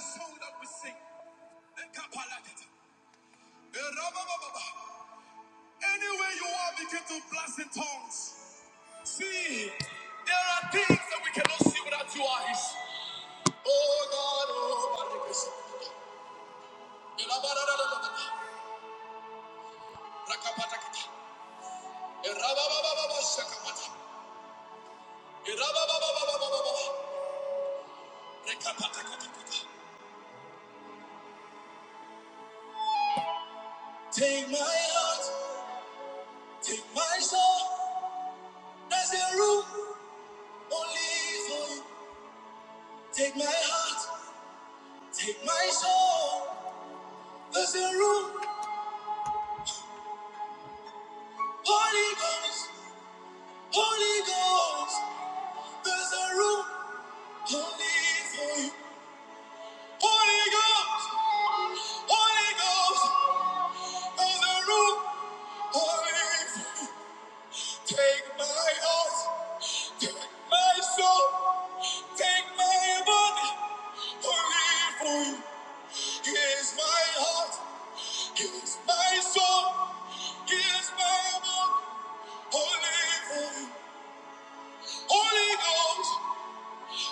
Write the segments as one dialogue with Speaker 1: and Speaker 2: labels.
Speaker 1: song that we sing. Anywhere you are, begin to blast in tongues. See, there are things that we cannot see without your eyes. Oh God, oh Balikis. Take my heart, take my soul. There's a room only for you. Take my heart. Take my soul, there's a room, Holy Ghost, Holy Ghost, there's a room, only for you. Holy Ghost, Holy Ghost, there's a room, only for you. Take my heart, take my soul, take my body, only for you. Here's my heart, here's my soul, here's my body, only for you. Holy Ghost.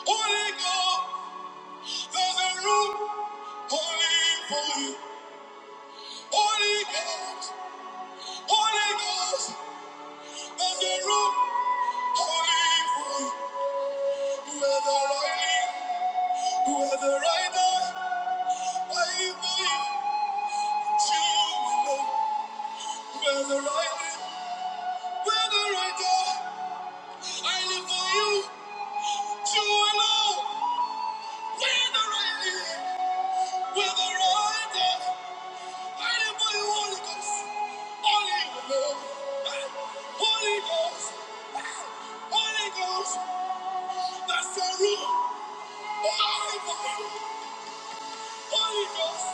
Speaker 1: Holy Ghost, there's a room only for you. Holy Ghost, Holy Ghost, there's a room only for you. You are the right lead, you are the right eye, waiting for you. You will know. You are the right lead, you are the right eye. I live for you, you alone. We're the right lead, we're the right eye. Holy Ghost. Holy Ghost. Holy Ghost. Holy Ghost. That's your room. Holy Ghost. Holy Ghost.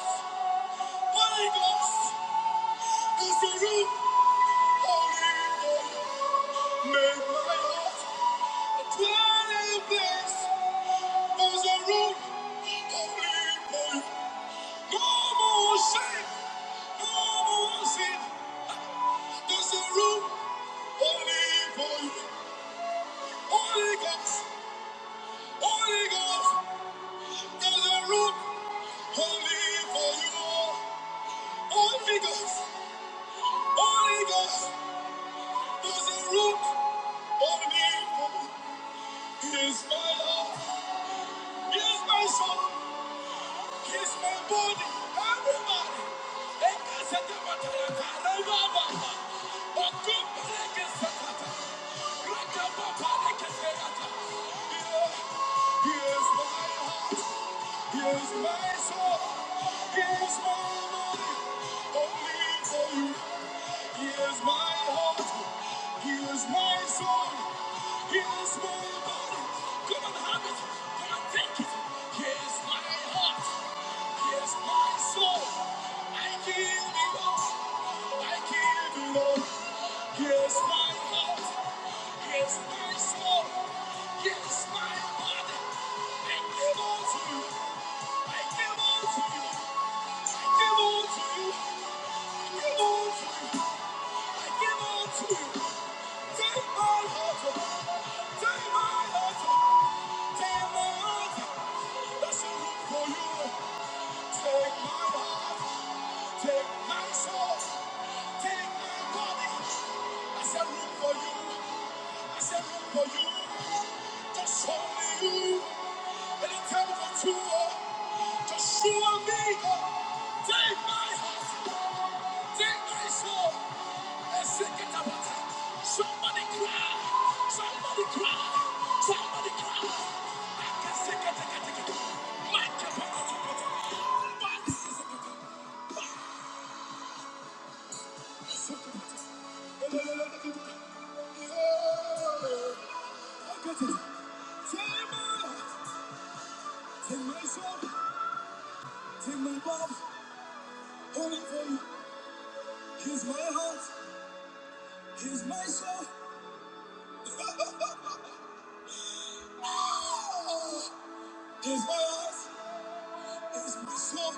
Speaker 1: Holy Ghost. Holy Ghost. Make a dwelling Holy Ghost. No more shame. No more sin. That's your room. Holy Ghost. Holy Ghost. Holy Ghost, there's a root holy for you. Holy Ghost, Holy Ghost, there's a root holy for you. He is my love, he is my soul. Yes, my body. Everybody. Ekasete matalaka. Rebaba. Okumba leke sakata. Rakababa leke sekata. Here's my heart. Here's my soul. Here's my body. Only for you. Here's my heart. He is my soul. He is my body. Come and have it. Come and take it. He is my heart. He is my soul. I give it all. I give it all. He is my heart. He is my soul. He is my body. I give all to you. I give all to you. I give all to you. I give all to you. I give all to you. Just show me, take my heart. Victory is won. Let's sing it Somebody cry. Somebody cry. Somebody cry. I can sing it, sing it, it. My God, my God, my God. My God, sing I got it. Take my heart, take my soul, take my body, all for you. Here's my heart, here's my soul, ah, here's my heart. Here's my soul,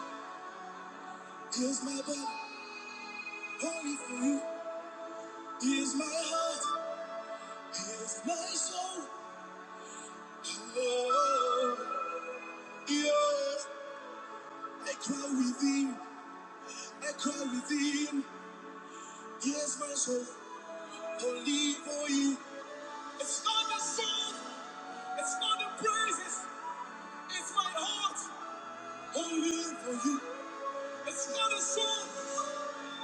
Speaker 1: here's my body, only for you. Here's my heart, here's my soul. Oh, yeah. I cry within, I cry within. Here's my soul, only for you. It's not the song, it's not the praises, it's my heart, only for you. It's not the song,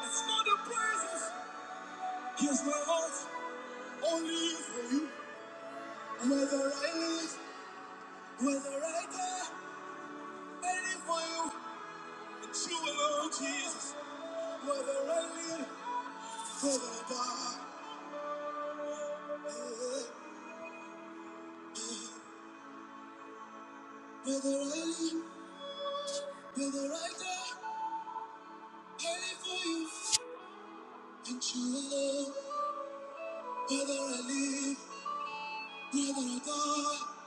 Speaker 1: it's not the praises. Here's my heart, only for you. Whether I live, whether I die. Waiting for you, and you alone, Jesus. Whether I live, whether I die, yeah, yeah. whether I live, whether I die, I live for you, and you alone. Whether I live, whether I die,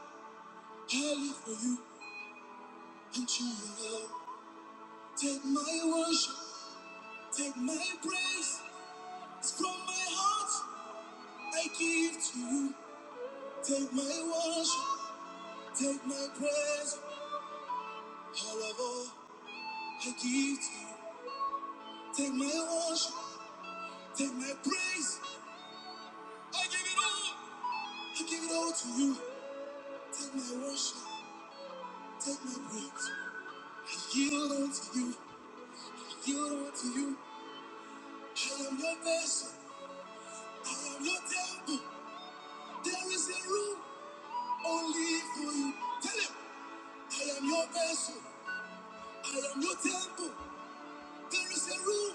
Speaker 1: I live for you, and you alone. Take my worship, take my praise. It's from my heart I give to you. Take my worship, take my praise. All of all. I give to you. Take my worship, take my praise. I give it all. I give it all to you. Take my worship, take my praise. I yield unto you. I yield unto you. I am your vessel. I am your temple. There is a room only for you. Tell him, I am your vessel. I am your temple. There is a room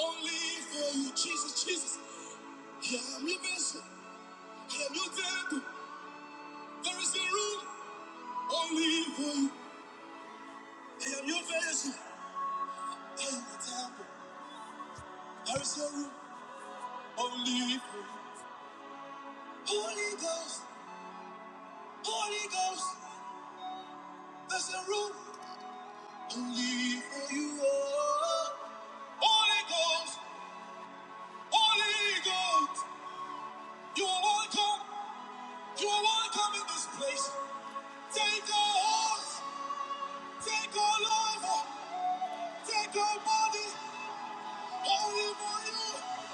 Speaker 1: only for you. Jesus, Jesus. I am your vessel. I am your temple. There is a room. Only for you. I am your vessel. I am the temple. There is a room only for you. Holy Ghost, Holy Ghost, there's a room only for you. Oh, Holy Ghost, Holy Ghost, you are welcome. You are welcome in this place. Take our hearts, take our life, take our body, only for you.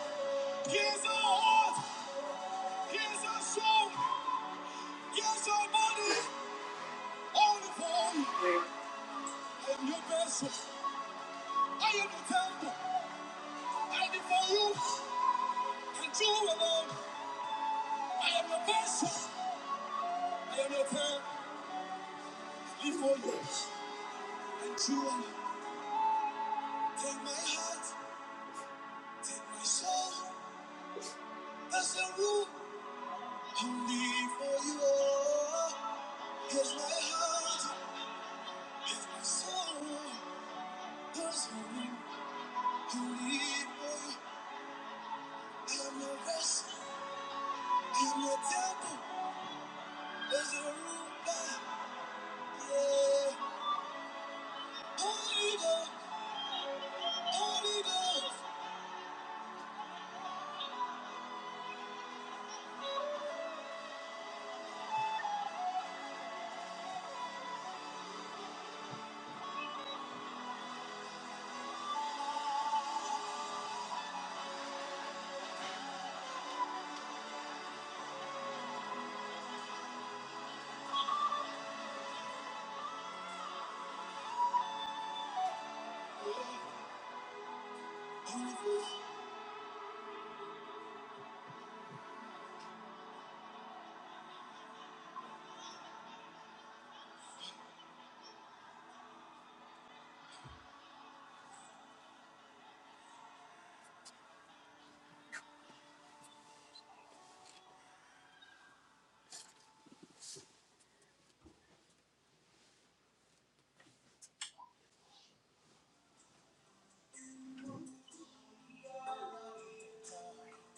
Speaker 1: Here's our heart, here's our soul, here's our body. All the glory and your vessel. I am your temple. I before you and you alone. I am your vessel. I am your temple before you and you alone. Take my heart, take my soul. That's the room. Only for you. Here's my heart, here's my soul. There's no room. Only for you. I am your vessel. I am your temple. There's no room. Yeah.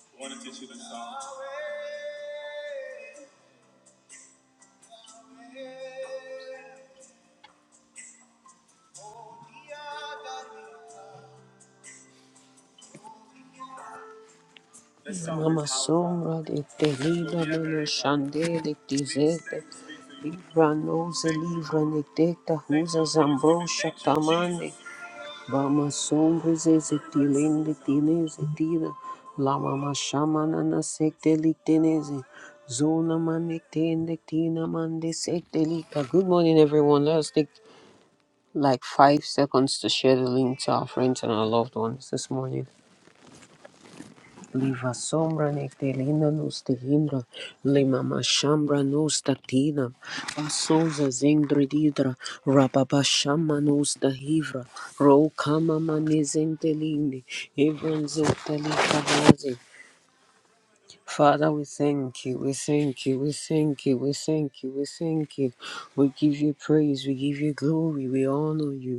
Speaker 1: I want to teach you the song. This Mama sombra de terila whoever nana is on shande de speaks tizete speaks to livra you, nectecta speak husa to Vama sombreze zetilende tineze tira. Lama mashamana na sekteliteneze. Zona manetende tina mande sektelika. Good morning, everyone. Let us take like five seconds to share the link to our friends and our loved ones this morning. Liva sombra nectelina nos tehindra, lima mashambra nos tatina, basoza zendrididra, rababashama nos tahivra, ro kama manezentelini, evranzotelikabazi. Father, we thank you, we thank you, we thank you, we thank you, we thank you. We give you praise, we give you glory, we honor you.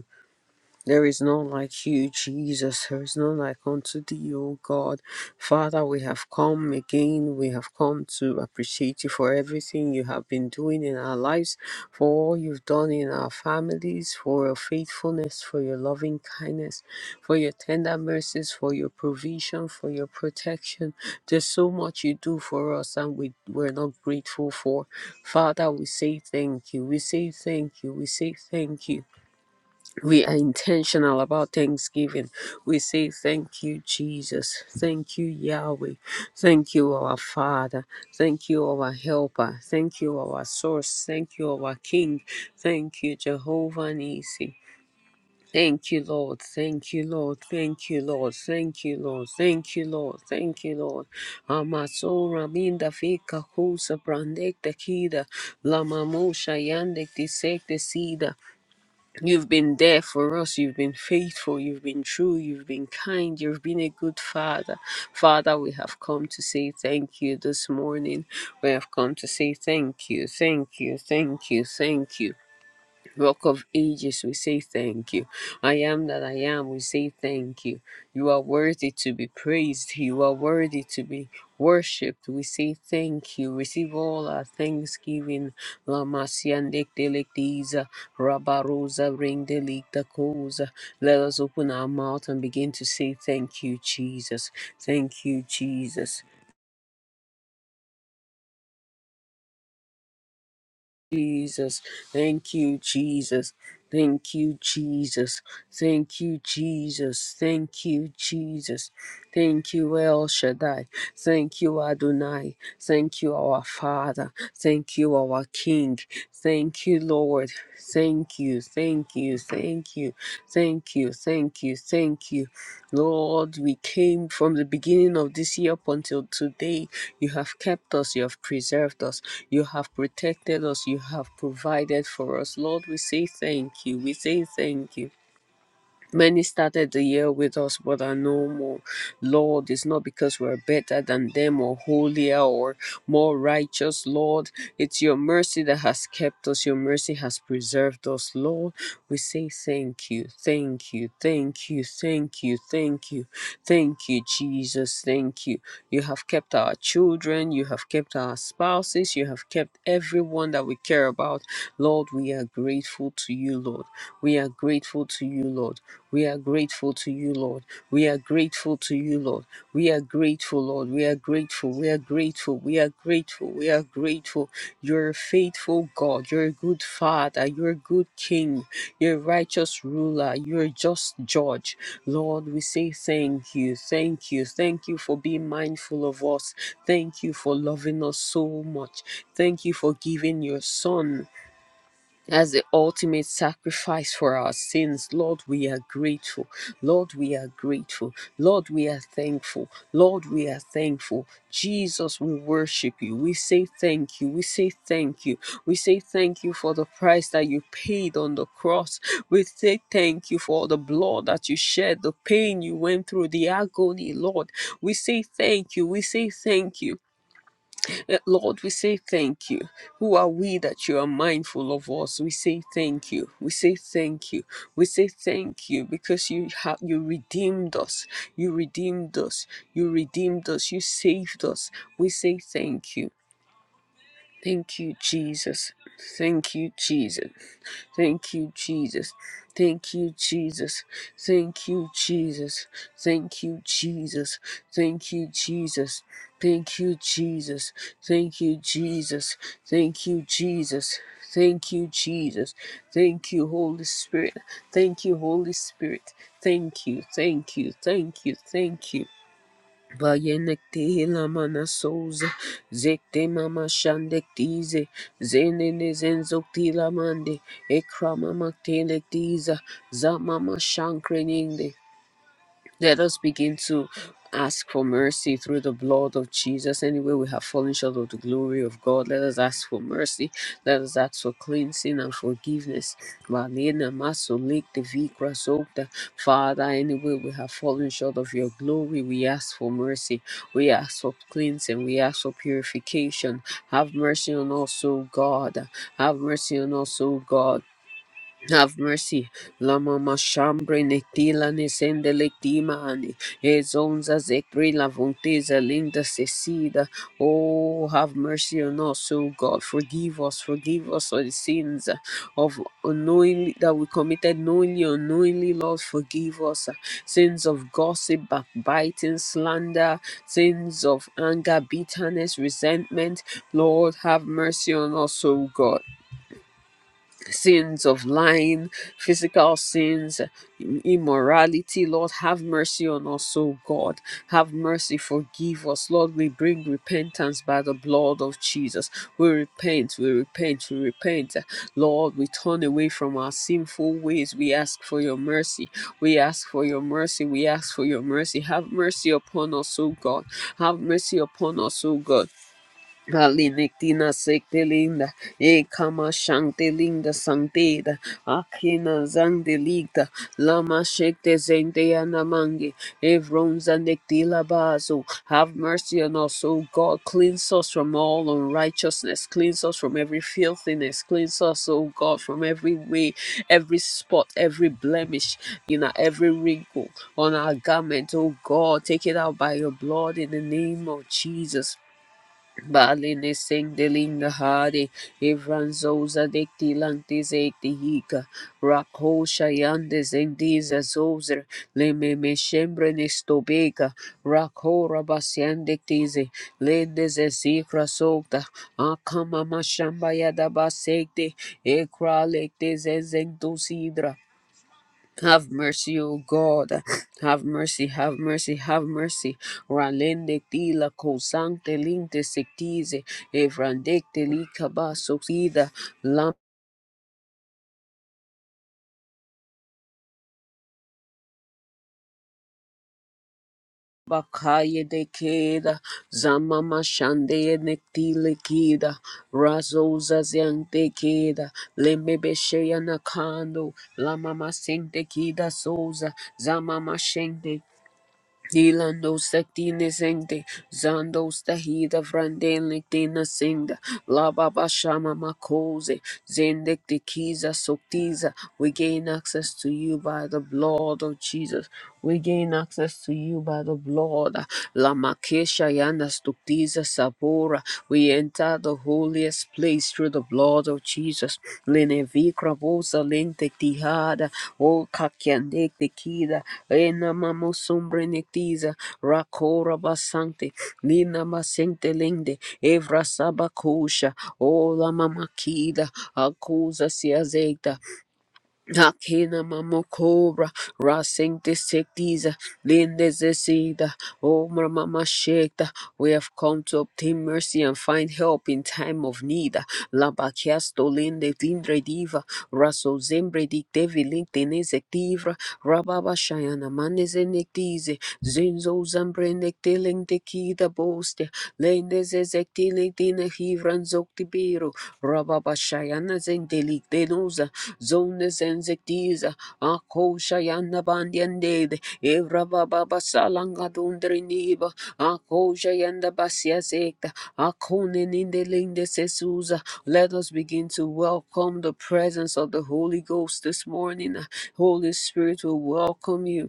Speaker 1: There is none like you, Jesus. There is none like unto thee, O God. Father, we have come again. We have come to appreciate you for everything you have been doing in our lives, for all you've done in our families, for your faithfulness, for your loving kindness, for your tender mercies, for your provision, for your protection. There's so much you do for us, and we, we're not grateful for. Father, we say thank you. We say thank you. We say thank you we are intentional about thanksgiving. We say, Thank you, Jesus. Thank you, Yahweh. Thank you, our Father. Thank you, our Helper. Thank you, our Source. Thank you, our King. Thank you, Jehovah Nissi. Thank you, Lord. Thank you, Lord. Thank you, Lord. Thank you, Lord. Thank you, Lord. Thank you, Lord. Amasora minda fika kusa brandek tekida. Lamamusha yandek disek desida. You've been there for us. You've been faithful. You've been true. You've been kind. You've been a good father. Father, we have come to say thank you this morning. We have come to say thank you, thank you, thank you, thank you. Rock of ages, we say thank you. I am that I am, we say thank you. You are worthy to be praised. You are worthy to be worshipped. We say thank you. Receive all our thanksgiving. La Masiandek Delectiza, Rabarosa, Ring Delicta Cosa. Let us open our mouth and begin to say thank you, Jesus. Thank you, Jesus. Jesus. Thank you, Jesus. Thank you, Jesus. Thank you, Jesus. Thank you, Jesus. Thank you, El Shaddai. Thank you, Adonai. Thank you, our Father. Thank you, our King. Thank you, Lord. Thank you, thank you, thank you, thank you, thank you, thank you. Lord, we came from the beginning of this year up until today. You have kept us, you have preserved us, you have protected us, you have provided for us. Lord, we say thank you, we say thank you. Many started the year with us, but are no more. Lord, it's not because we're better than them or holier or more righteous, Lord. It's your mercy that has kept us. Your mercy has preserved us, Lord. We say thank you, thank you, thank you, thank you, thank you, thank you, Jesus. Thank you. You have kept our children, you have kept our spouses, you have kept everyone that we care about. Lord, we are grateful to you, Lord. We are grateful to you, Lord. We are grateful to you, Lord. We are grateful to you, Lord. We are grateful, Lord. We are grateful. We are grateful. We are grateful. We are grateful. You're a faithful God. You're a good Father. You're a good King. You're a righteous ruler. You're a just judge. Lord, we say thank you. Thank you. Thank you for being mindful of us. Thank you for loving us so much. Thank you for giving your Son as the ultimate sacrifice for our sins. Lord, we are grateful. Lord, we are grateful. Lord, we are thankful. Lord, we are thankful. Jesus, we worship you. We say thank you. We say thank you. We say thank you for the price that you paid on the cross. We say thank you for the blood that you shed, the pain you went through, the agony, Lord. We say thank you. We say thank you. Uh, Lord, we say thank you. Who are we that you are mindful of us? We say thank you. We say thank you. We say thank you because you have you redeemed us. You redeemed us. You redeemed us. You saved us. We say thank you. Thank you, Jesus. Thank you, Jesus. Thank you, Jesus. Thank you, Jesus. Thank you, Jesus. Thank you, Jesus. Thank you, Jesus. Thank you, Jesus. Thank you, Jesus. Thank you, Jesus. Thank you, Jesus. Thank you, Holy Spirit. Thank you, Holy Spirit. Thank you, thank you, thank you, thank you. Bayenekte hilamana souza, zekte mama shandektize, zenene zenzokti la mande, ekrama maktele tiza, zamama shankreninde. Let us begin to ask for mercy through the blood of Jesus. Anyway, we have fallen short of the glory of God. Let us ask for mercy. Let us ask for cleansing and forgiveness. Malena maso lekte vikra sopta. Father, anyway, we have fallen short of your glory. We ask for mercy. We ask for cleansing. We ask for purification. Have mercy on us, O God. Have mercy on us, O God. Have mercy. Lama mashambre netila nesende lectima ani. Ezonza zekri lavontiza linda cecida. Oh, have mercy on us, O God. Forgive us, forgive us for the sins of unknowingly that we committed knowingly, unknowingly, Lord. Forgive us. Sins of gossip, backbiting, slander, sins of anger, bitterness, resentment. Lord, have mercy on us, O God sins of lying, physical sins, immorality. Lord, have mercy on us, O God. Have mercy, forgive us. Lord, we bring repentance by the blood of Jesus. We repent, we repent, we repent. Lord, we turn away from our sinful ways. We ask for your mercy. We ask for your mercy. We ask for your mercy. Have mercy upon us, O God. Have mercy upon us, O God. Valinictina sectilinda, e kama shantilinda santida, akina zandiligda, lama shekte zendeana mangi, evronza nectila bazo. Have mercy on us, O God. Cleanse us from all unrighteousness. Cleanse us from every filthiness. Cleanse us, O God, from every way, every spot, every blemish, in our every wrinkle on our garment, O God. Take it out by your blood in the name of Jesus. Bali ne sing de linga hare, evranzoza dekti langti zekti hika, rakho shayande zengdiza zozer, le me me shembre ne stobeka, rakho rabasyan dektize, lende ze zikra sokta, akama mashamba yada basekte, ekra lekte ze zengtu sidra, have mercy, O God. Have mercy, have mercy, have mercy. Ralende tila kosante linte sectize. Evrandekte likaba sokida. Lamba kaye de keda. Zamama shande nektile kida. Razoza ziante keda. Lembebe sheya nakando. Lamama sente kida soza. Zamama shente Dilando Saktina Singde, Zando Stahida Frandelictina Singda, La Baba Shama Makose, Zendik de Kiza Soktiza. We gain access to you by the blood of Jesus. We gain access to you by the blood. La Makesha Yana Stoktiza Sabora. We we enter the holiest place through the blood of Jesus. Lenevikra boza lente tihada. O kakianek tekida. Ena mamosumbre nektiza. Rakora basante. Nina masente lende. Evra sabakosha. O la mamakida. Akuza siazeita. Nakina mamokora rasing disektiza lindezesida o mama shekta. We have come to obtain mercy and find help in time of need. Labakiasto linde dindre diva raso zembre diktevi linktenezektivra rababa shayana manezenektize zinzo zambre nekteleng dekida boste tili dina hivran zoktibiro rababa shayana zendelik denuza zonde zenzektiza ako shayana bandiandede evrababa salanga dundriniba ako shayanda basia sekta akone nindelinde sesuza let us begin to welcome the presence of the Holy Ghost this morning. Holy Spirit will welcome you.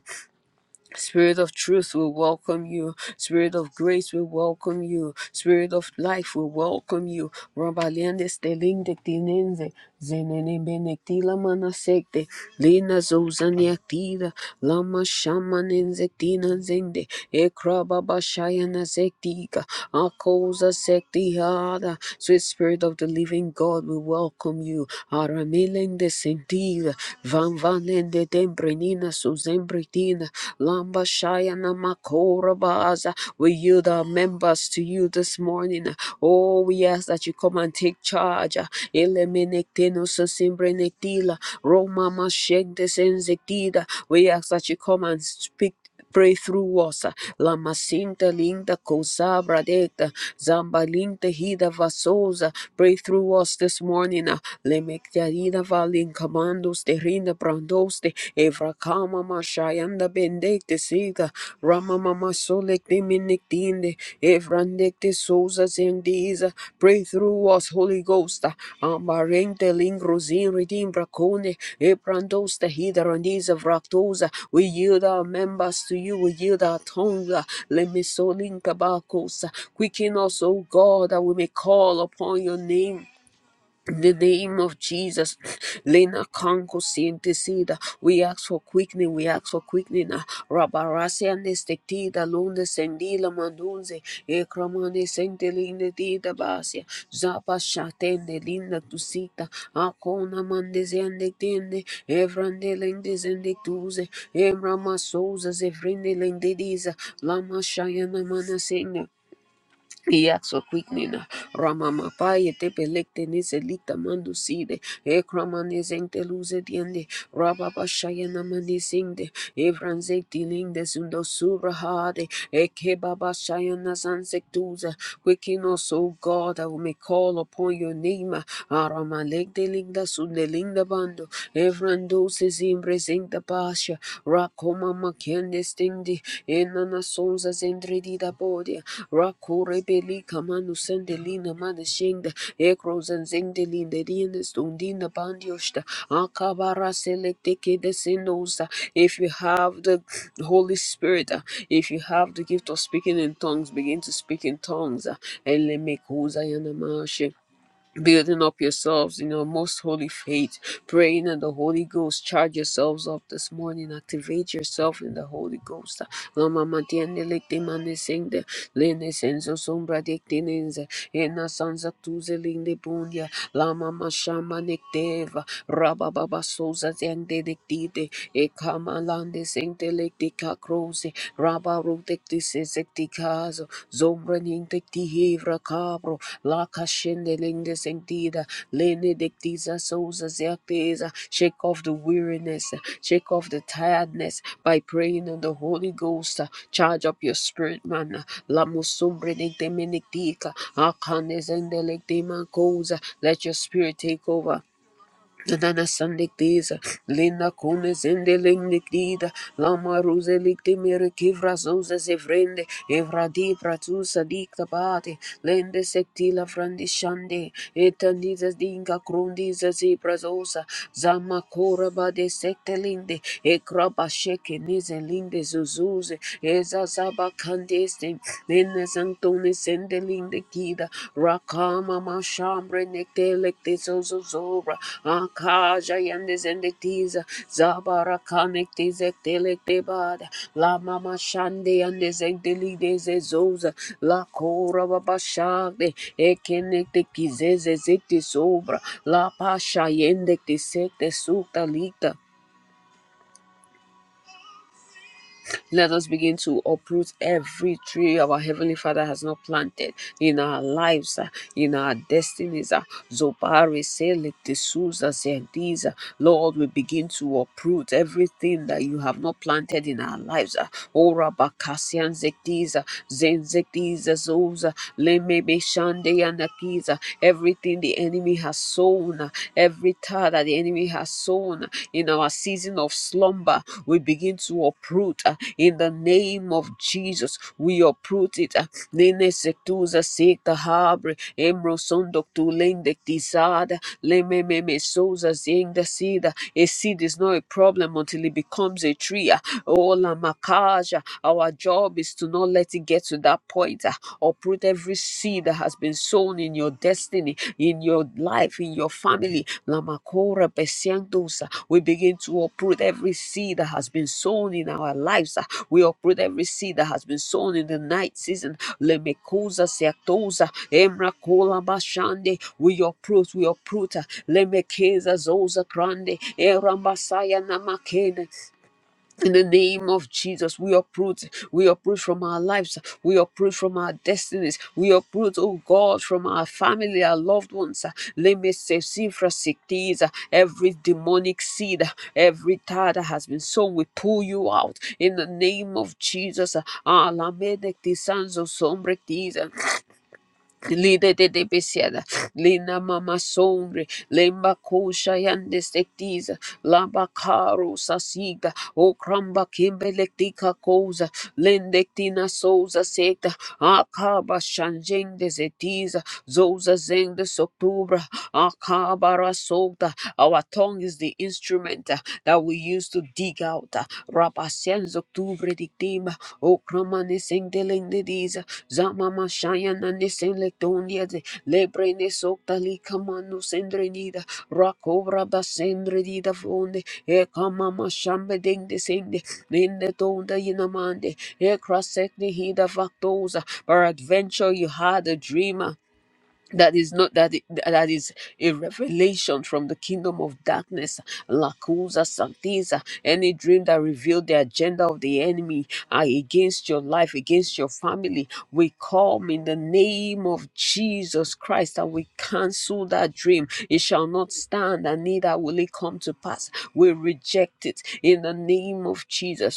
Speaker 1: Spirit of truth will welcome you. Spirit of grace will welcome you. Spirit of life will welcome you. Rabaliende stelinde tinenze. Zenene benektila manasekte. Lena zozaniaktida. Lama shamanenzektina zende. Ekrababa shayana sektika. Akoza sektihada. Sweet spirit of the living God will welcome you. Aramelende sentida. Van vanende gedembrinina suzembridina lamba shayana makora baza. We yield our members to you this morning. Oh, we ask that you come and take charge. Elemenecteno susimbrenectila Roma mashengdesenzetida. We ask that you come and speak. Pray through us. Lamasinta linda kosabra deta. Zamba linda hida vasosa. Pray through us this morning. Lemektarina valin commandos de rinda brandos de evrakama mashayanda bendek de siga. Rama mama solek de minik Prandekte sosas in these. Pray through us, Holy Ghost. Ambarente lingrozin redeem bracone. Ebrandosta hidarandiza vractosa. We yield our members to you. We yield our tongues. Lemisolinka bacosa. Quicken us, O God, that we may call upon your name. In the name of Jesus, Lena Kanko Sintesida, we ask for quickening, we ask for quickening. Rabarasi and Estetida, Lunde Sendila Mandunze, Ekramane Sentelina Dida Basia, Zapa Shatende Linda Tusita, Akona Mandes and Tende, Evrande Lendes and Tuze, Emrama Souza, Evrinde Lendediza, Lama Shayana Manasena. Iaxo quignina, ramamapaye tepelecte neselita manduside, ecramanezente luzediende, rababashayana manesinde, evranzecti linde sundosurahade, ekebabashayana zanzectuza. Quicken us, O God, that we may call upon your name. Aramalecte linda sundelinda bando, evrandoses in presenta pa. Basha, Rakoma Makendis Dindi, Enana Souza Zendredida Bodia, Rakore Beli Kamanu Sendelina Madashinda, Ekros and Zendelina Dienes Dundina Bandiosta, Akabara Selecteke de Sinosa. If you have the Holy Spirit, uh, if you have the gift of speaking in tongues, begin to speak in tongues. uh, Elemekuza Yanamashi building up yourselves in your most holy faith, praying in the Holy Ghost. Charge yourselves up this morning. Activate yourself in the Holy Ghost. Lama matiende licti manisinde, lene senso sombra dictinense, ena sansa tuze linde bundia, lama mashama nicteva, rababa sosa zende dictite, e kama lande sinte licti cacrose, Raba rutekti sesecticazo, zombranin tecti hevra cabro, la cachende lende sentida, lene dectiza souza certeza. Shake off the weariness, shake off the tiredness by praying on the Holy Ghost. Charge up your spirit, man. La musumbre de menetica, acanes and delectima cosa. Let your spirit take over. Nana Sandictiza, linda lina kune zende lindikdida, lama ruse likti mire kivra zuze zevrende, evra di pratusa dikta bate, lende sektila frandishande, etandiza dinga krundiza zibrazosa, zama kora de sekte linde, ekraba sheke nize linde zuzuze, eza zaba kandeste, Ines Antoni Sendelin de Kida Rakama Mashambre Nektelekte Zozora Akaja Yandes and the Tiza Zabara Kanekte Zektelekte Bada La Mama Shande and the Zegdelide Zezoza La Kora babashade Ekenekte Kizeze Zekte Sobra La Pasha Yendekte Sekte Sukta Lita Let us begin to uproot every tree our Heavenly Father has not planted in our lives, uh, in our destinies. uh, Zobari, Sele, Tesuza, Zendiza. Lord, we begin to uproot everything that you have not planted in our lives. uh, Ora Bakasian Zektiza, Zen Zektiza, Zoza, Lemebe Shandeya Nakiza. Everything the enemy has sown, uh, every every thought that the enemy has sown in our season of slumber, we begin to uproot uh, in the name of Jesus. We uproot it. uh, Nene sektuza sekta habre, emro sondok tu lende tisada, leme meme soza ziengda sida. A seed is not a problem until it becomes a tree. uh, Oh, makaja. Our job is to not let it get to that point. uh, Uproot every seed that has been sown in your destiny, in your life, in your family. Lamakora besiendosa. We begin to uproot every seed that has been sown in our lives. ah. We uproot every seed that has been sown in the night season. Lemekosa seatosa. Emrakola bashande. We uproot, we uproot. ah. Lemekeza zosa grande. Erambasaya namakene. In the name of Jesus, we uproot, we uproot from our lives, we uproot from our destinies, we uproot, oh God, from our family, our loved ones. Lemesesifrasikiza, Every demonic seed, every tie that has been sown, we pull you out in the name of Jesus. Alamedektisanzosombretiza. Lide de de besiada, lina mama sombre, lemba kosha yande sektiza, lamba karo sasiga, o kramba kimbelektika koza, lendektina souza sekta, akaba shanjende zetiza, zoza zende soktubra, akabara sokta. Our tongue is the instrument uh, that we use to dig out. Rapasenz Octubre Dictim, Ocromanis Indelindis, Zamama Shayananis Electonias, Lebrenes Octalica Manus Indrenida, Racobra da Sendredida Fonde, Ecamama Shambeding de Sinde, Nindetonda Yinamande, Ecrasec Nihida Factosa. Peradventure you had a dreamer that is not that i- that is a revelation from the kingdom of darkness lacusa Santiza. any dream that revealed the agenda of the enemy uh, against your life against your family we come in the name of jesus christ and we cancel that dream it shall not stand and neither will it come to pass we reject it in the name of jesus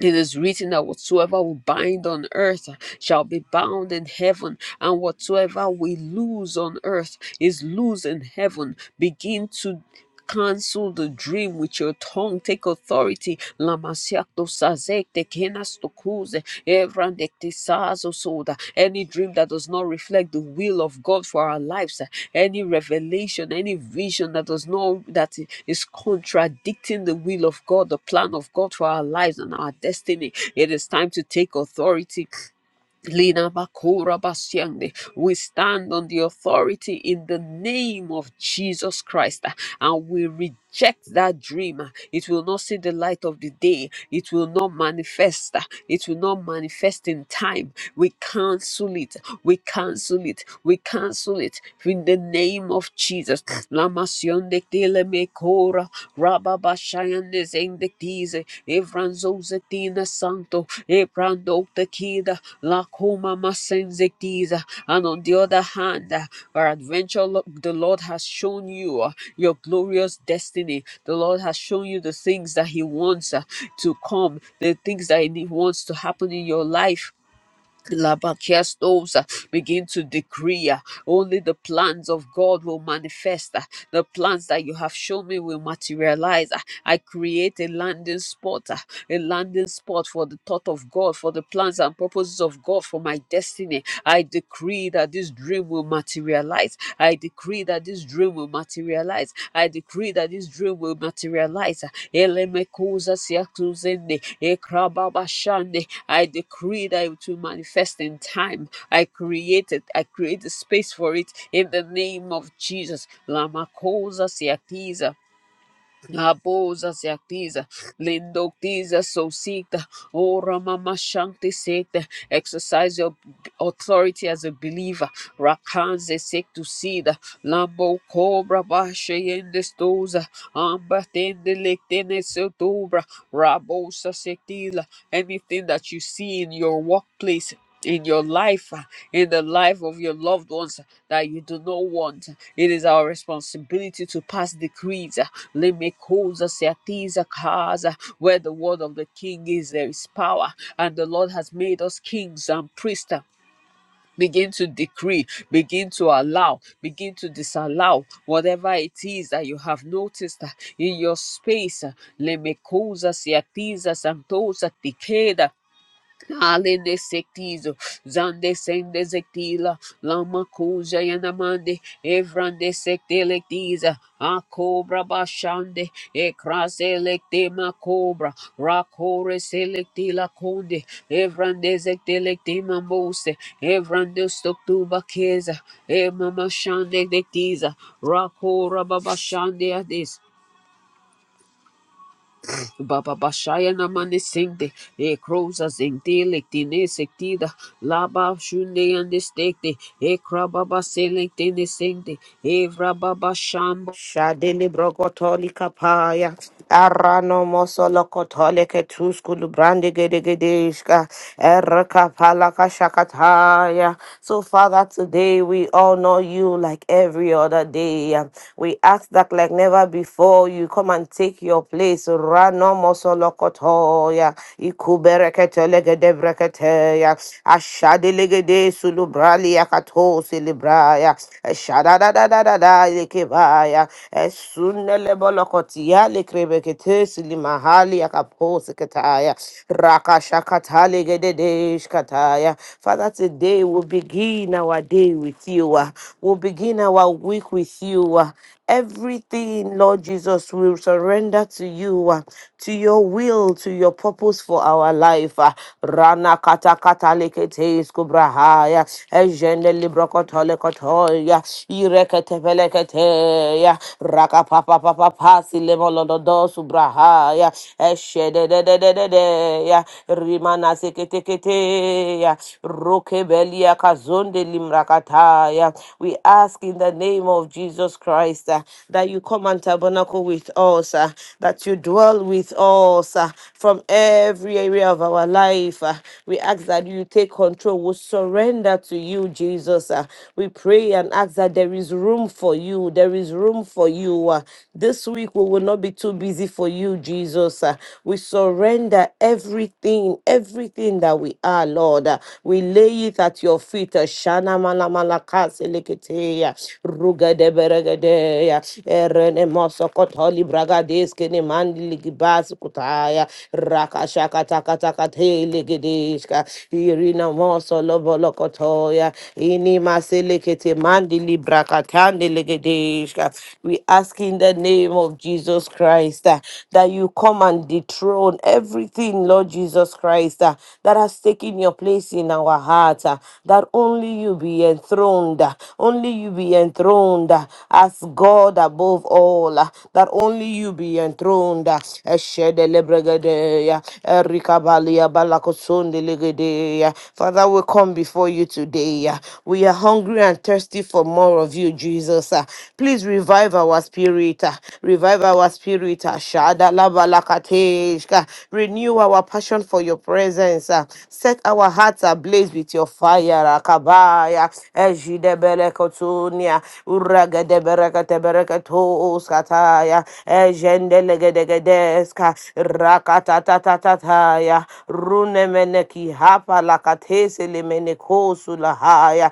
Speaker 1: it is written that whatsoever we bind on earth shall be bound in heaven, and whatsoever we lose on earth is loose in heaven. Begin to cancel the dream with your tongue. Take authority. Lamasiak to sazek, tekenas to lose soda. Any dream that does not reflect the will of God for our lives, eh, any revelation, any vision that does not that is contradicting the will of God, the plan of God for our lives and our destiny. It is time to take authority. Lina Bakura Basyande. We stand on the authority in the name of Jesus Christ uh, and we reject that dream. uh, It will not see the light of the day. It will not manifest. uh, It will not manifest in time. We cancel it. We cancel it. We cancel it in the name of Jesus. Lama mekora rababashayan zendektize evranzo zetina santo ebrando tekida la coma masenzektiza and on the other hand uh, our adventure the lord has shown you uh, your glorious destiny the lord has shown you the things that he wants uh, to come the things that he wants to happen in your life Labakestos uh, begin to decree uh, only the plans of God will manifest. uh, The plans that you have shown me will materialize. uh, I create a landing spot, uh, a landing spot for the thought of God, for the plans and purposes of God for my destiny. I decree that this dream will materialize materialize. I decree that this dream will materialize. I decree that this dream will materialize. Elemekuza siakuzene, ekrababashane. I decree that it will manifest in time. I created, I create the space for it in the name of Jesus. Lamakosa siakiza. Aboza seactiza, lindoctiza sosita, ora mama shanti sete. Exercise your authority as a believer. Rakanze sectusida, lambo cobra bashe yendestoza, amba tende lectene sotobra, rabosa sectila. Anything that you see in your workplace in your life, uh, in the life of your loved ones uh, that you do not want. It is our responsibility to pass decrees. uh, Lemekosa seatiza kaza. Where the word of the king is, there is power, and the Lord has made us kings and priests. uh, Begin to decree, begin to allow, begin to disallow whatever it is that you have noticed uh, in your space. uh, Lemekosa seatiza santosa tikeda Alende sektizo, zande sende zektila, lama kuja yanamande, evrande sektelektiza, a cobra bashande, e krase lektema cobra, rakore selektila konde, evrande zektelektema mose, evrande stoktuba keza, e mama shande dektiza, rakora babashande adis. Baba Bashaya Namane Singde, E Croza Zindilictine Sectida, Laba Shunde and the Stekte, E Krababa Selectine Singde, E Rababa Shambo.
Speaker 2: Shadele brokotoli kapaya. Arano mosolo kotole ke tuskulu brandi gede gede gedeshka. Erka palaka shakataya. So Father, today we all know you like every other day. We ask that like never before you come and take your place. Rano mosolo kotoya. Ikubereketele gede breketeya. Ashadele gede sulubrali yakato silibraya. Eshadadadadadada yekebaya. Esunele yale krebe limahali yakapose kataya. Rakashakatale gededesh kataya. Father, today we'll begin our day with you. uh, We'll begin our week with you. uh, Everything, Lord Jesus, will surrender to you, uh, to your will, to your purpose for our life. uh, Rana kata kata lekete iskubrahaya, ejene librokotole kotoya, irekete pelekete ya, papa papa silemolodo subraha ya eshede de de de de de ya rimana sekete kete ya rokebelia kazonde limrakata ya we ask in the name of Jesus Christ uh, that you come and tabernacle with us uh, that you dwell with us uh, from every area of our life uh, we ask that you take control we surrender to you Jesus uh, we pray and ask that there is room for you there is room come for you. uh, This week we will not be too busy for you, Jesus. uh, We surrender everything, everything that we are, Lord. uh, We lay it at your feet. uh, Shana mala mala kasi likete, uh, rugade beregede, uh, erene moso kotoli bragadeske ne mandi ligibasi kutaya, rakashaka taka taka te ligidishka, irina moso lobo lokotoya, ini maselekete mandi librakatande we ask in the name of Jesus Christ uh, that you come and dethrone everything, Lord Jesus Christ, uh, that has taken your place in our heart, uh, that only you be enthroned, uh, only you be enthroned uh, as God above all, uh, that only you be enthroned. uh, Eshede lebregedeya, erikabalia balakosonde legedeya. Father, we come before you today. uh, We are hungry and thirsty for more of you you, Jesus. ah. Please revive our spirit. ah. Revive our spirit. ah. Shadalabalakateshka. Renew our passion for your presence. ah. Set our hearts ablaze with your fire. Akabaya. Ejidebelekotunia. Uragedebereketebereketoskataya. Ejendelegedegedeska. Rakatatatataya. Runemeneki hapa lakatese lemenekosula haya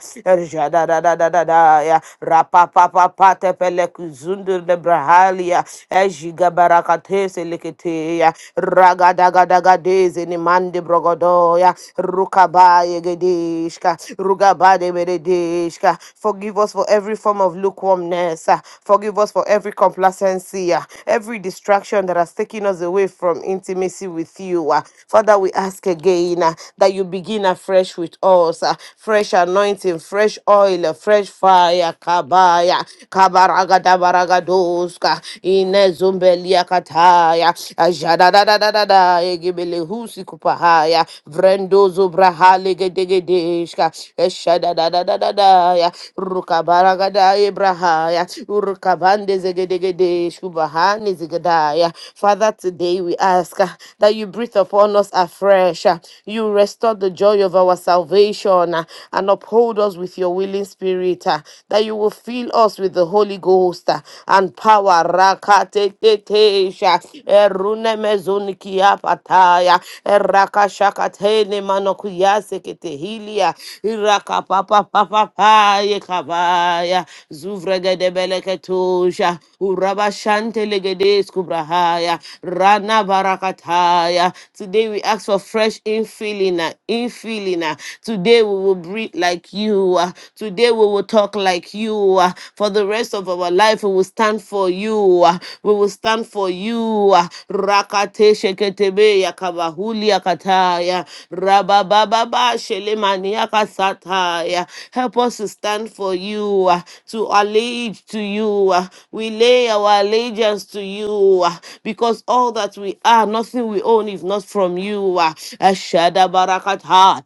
Speaker 2: da da ya rapapapapa tepele kuzundur de brahalia ejiga barakatese lekete ya ragadagadagadeze ni mandi brogodo ya rukabaye gedishka rugabade beredishka forgive us for every form of lukewarmness ah. forgive us for every complacency ah. every distraction that has taken us away from intimacy with you ah. father we ask again ah, that you begin afresh with us ah. fresh anointing fresh fresh oil, fresh fire, kabaya, kabaraga, kabaragadabaragadoska, inezumbelia kataya, ajadadadadada, egebelehusi kupahaya, vrendozo brahalegedegedeshka, eshadadadadadadaya, rukabaragadaye brahaya, urukabandezegedegedeshkubahanezegedaya. Father, today we ask uh, that you breathe upon us afresh, uh, you restore the joy of our salvation, uh, and uphold us with your willing spirit, ah, that you will fill us with the Holy Ghost ah, and power. Rakatetetesha, erunemezunikiyapataya, erakashakatenemanokuyaseketehilia, irakapapapapapayekabaya, zuvregedebeleketusha, urabashantelegedeskubrahaya, ranabarakataya. Today we ask for fresh infilling, ah, infilling. ah. Today Today we will breathe like you. ah. Today we will talk like you. ah. For the rest of our life, we will stand for you. ah. We will stand for you. ah. Rakate sheketebe yakabahuli yakataya. Rabababa shelemani yakasataya. Help us to stand for you, ah. to allege to you. ah. We lay our allegiance to you ah, because all that we are, nothing we own is not from you. ah. Ashadabarakata,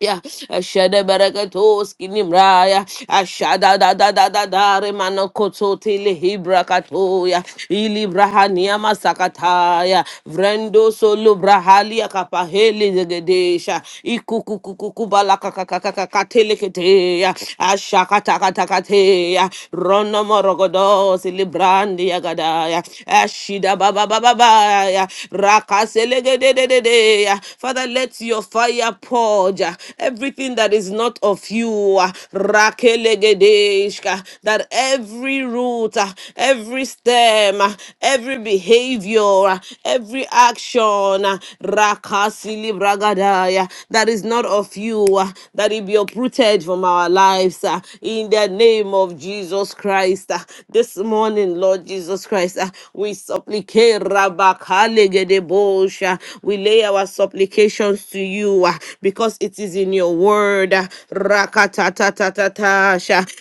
Speaker 2: Ya, ashada barakatos kinimraya, ashada da da da da da remano kotote lehibra katoya, ilibrahania masakataya, vrendo solo brahalia kapaheli zegedesha, ikukukukubala kakakakakateleketeya, ashakatakatakateya, rono morogodos ilibrandi yagadaya, ashida bababababaya, rakaselegedededea, Father let your fire purge uh, everything that is not of you, uh, rakelegedeshka, that every root, uh, every stem, uh, every behavior, uh, every action, uh, rakasilibragadaya, that is not of you, uh, that it be uprooted from our lives uh, in the name of Jesus Christ. uh, This morning, Lord Jesus Christ, uh, we supplicate Rabakalegedebosha. We lay our supplications belongs to you ah, because it is in your word. uh, Rakatatatatata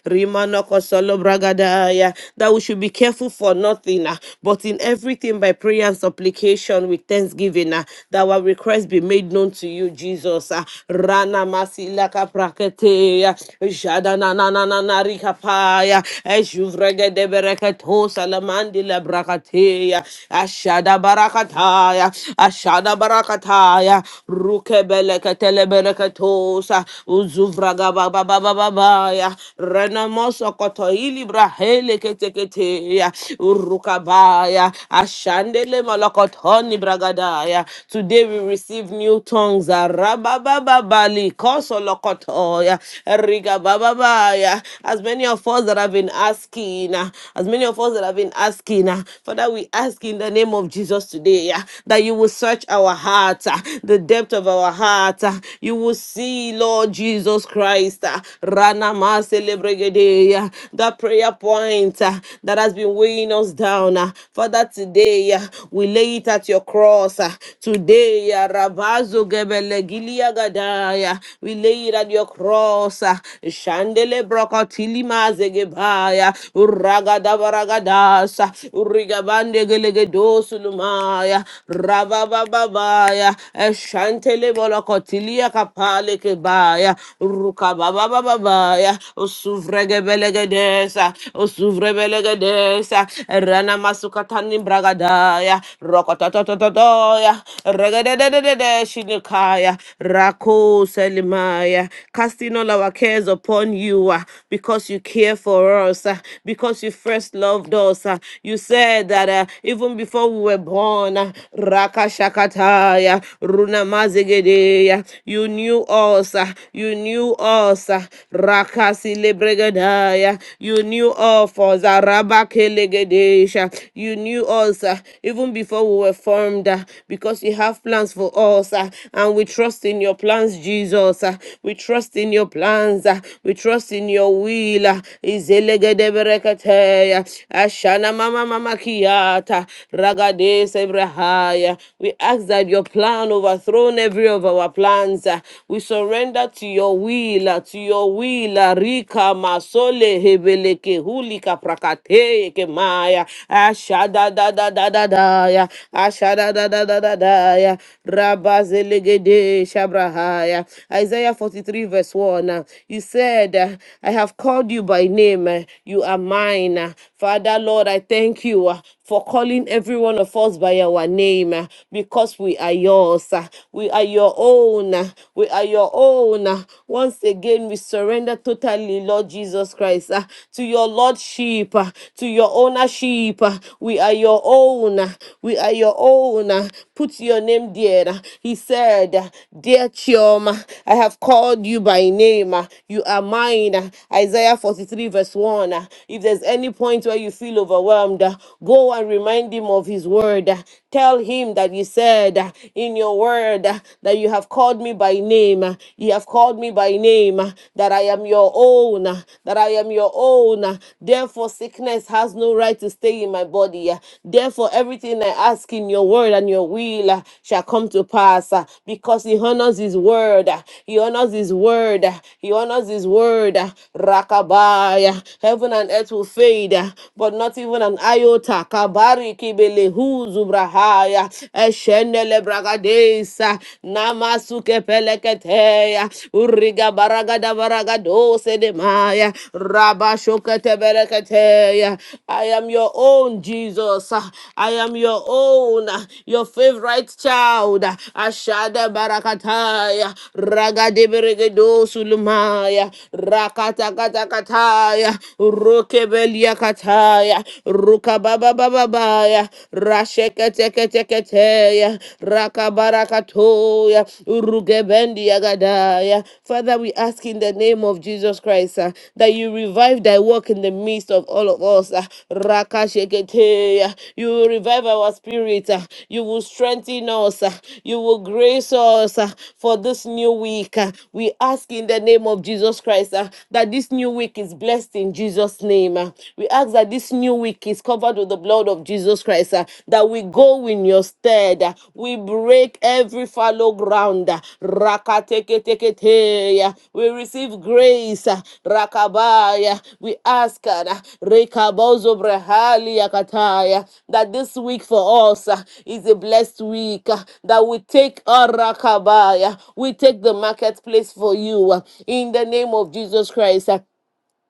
Speaker 2: Rimanokosolobragadaya that we should be careful for nothing, ah, but in everything by prayer and supplication with thanksgiving, ah, that our requests be made known to you, Jesus. ah. Rana Masilaka Praketea Jadana Nana Rikapaya Ejuvregede Bereketo Salamandila Brakatea Ashada Barakataya Ashada Barakataya Kataya, Rukebeleka Teleberekatosa, Uzuvraga Baba Baba Babaya, Renamoso Kotoili Brahele Keteketea, Urukabaya, Ashandele Malakotoni Bragadaya. Today we receive new tongues, Rababababali, Kosolokotoya, Rigabababaya. As many of us that have been asking, uh, as many of us that have been asking, uh, Father, we ask in the name of Jesus today, yeah, that you will search search our hearts, ah, the depth of our hearts, ah, you will see, Lord Jesus Christ, ah, Rana Maselebrigadeya, that prayer point ah, that has been weighing us down. ah. Father, today ah, we lay it at your cross. ah. Today, ah, Rabazo Gebele Giliagadaya, we lay it at your cross. ah. Shandele Brokotilima Zegebaya, Uragadabaragadasa, Urigabande Gelegedosulumaya, rababababaya, eshantele bolokotilia kapale kebaya, rukababababaya, osuvregebelegedesa, osuvrebelegedesa, rana masukatani bragadaya, rokototototoya, regedededede shinikaya, rako selimaya, casting all our cares upon you ah, because you care for us, ah, because you first loved us. ah. You said that uh, even before we were born, born. Rakashakataya, Runamazegedeya. You knew us. uh, You knew us. uh, Rakasilebregadaya. You knew of us. uh, Rabakelegedeisha. You knew us uh, even before we were formed uh, because you have plans for us. uh, And we trust in your plans, Jesus. uh, We trust in your plans. uh, We trust in your will. uh, Izelegedebereketeya. Ashana mama mama kiata. Ragades Ebrahaya. We ask that your plan overthrown every of our plans. uh, We surrender to your will, uh, to your will. uh, Rika Masole Hebeleke Hulika Prakate Kemaya. Ashada da da da da da ya. Ashada da da da da da ya. Rabazelegede Shabrahaya. Isaiah 43 verse 1. uh, You said, uh, I have called you by name. uh, You are mine. uh, Father, Lord, I thank you. uh, for calling every one of us by our name uh, because we are yours. uh, We are your own. uh, We are your own. uh. Once again, we surrender totally, Lord Jesus Christ, uh, to your lordship, uh, to your ownership. uh. We are your own. uh, We are your own. uh. Put your name there. uh. He said, uh, Dear Chioma, I have called you by name. uh. You are mine. uh. Isaiah 43, verse 1. uh. If there's any point where you feel overwhelmed, overwhelmed, go and remind him of his word. Tell him that you said in your word that you have called me by name. You have called me by name, that I am your own, that I am your own. Therefore, sickness has no right to stay in my body. Therefore, everything I ask in your word and your will shall come to pass because he honors his word. He honors his word. He honors his word. Rakabaya. Heaven and earth will fade, but not even an iota. Kabari kibele hu zubrahaya, eshenele bragadesa, namasuke peleketeya, uriga baragada baragadose demaya, rabashokete bereketeya. I am your own Jesus. I am your own, your favorite child. Ashada barakataya, ragade beregedosulumaya, rakatakata kataya, Rokebelia kataya. Rukababababaya. Rasheketeketeketeya. Rakabarakatoya. Urugebendia gadaya. Father, we ask in the name of Jesus Christ uh, that you revive thy work in the midst of all of us. Uh, Rakasheketeya. You will revive our spirit. uh, You will strengthen us. uh, You will grace us uh, for this new week. uh, We ask in the name of Jesus Christ uh, that this new week is blessed least in Jesus' name. uh. We ask that this new week is covered with the blood of Jesus Christ, uh, that we go in your stead. uh. We break every fallow ground. uh. Rakateketekete, uh. We receive grace. uh. Rakabaya. We ask uh, uh, Rekabozobrahali Yakataya, that this week for us uh, is a blessed week, uh, that we take our Rakabaya. We take the marketplace for you uh, in the name of Jesus Christ. uh,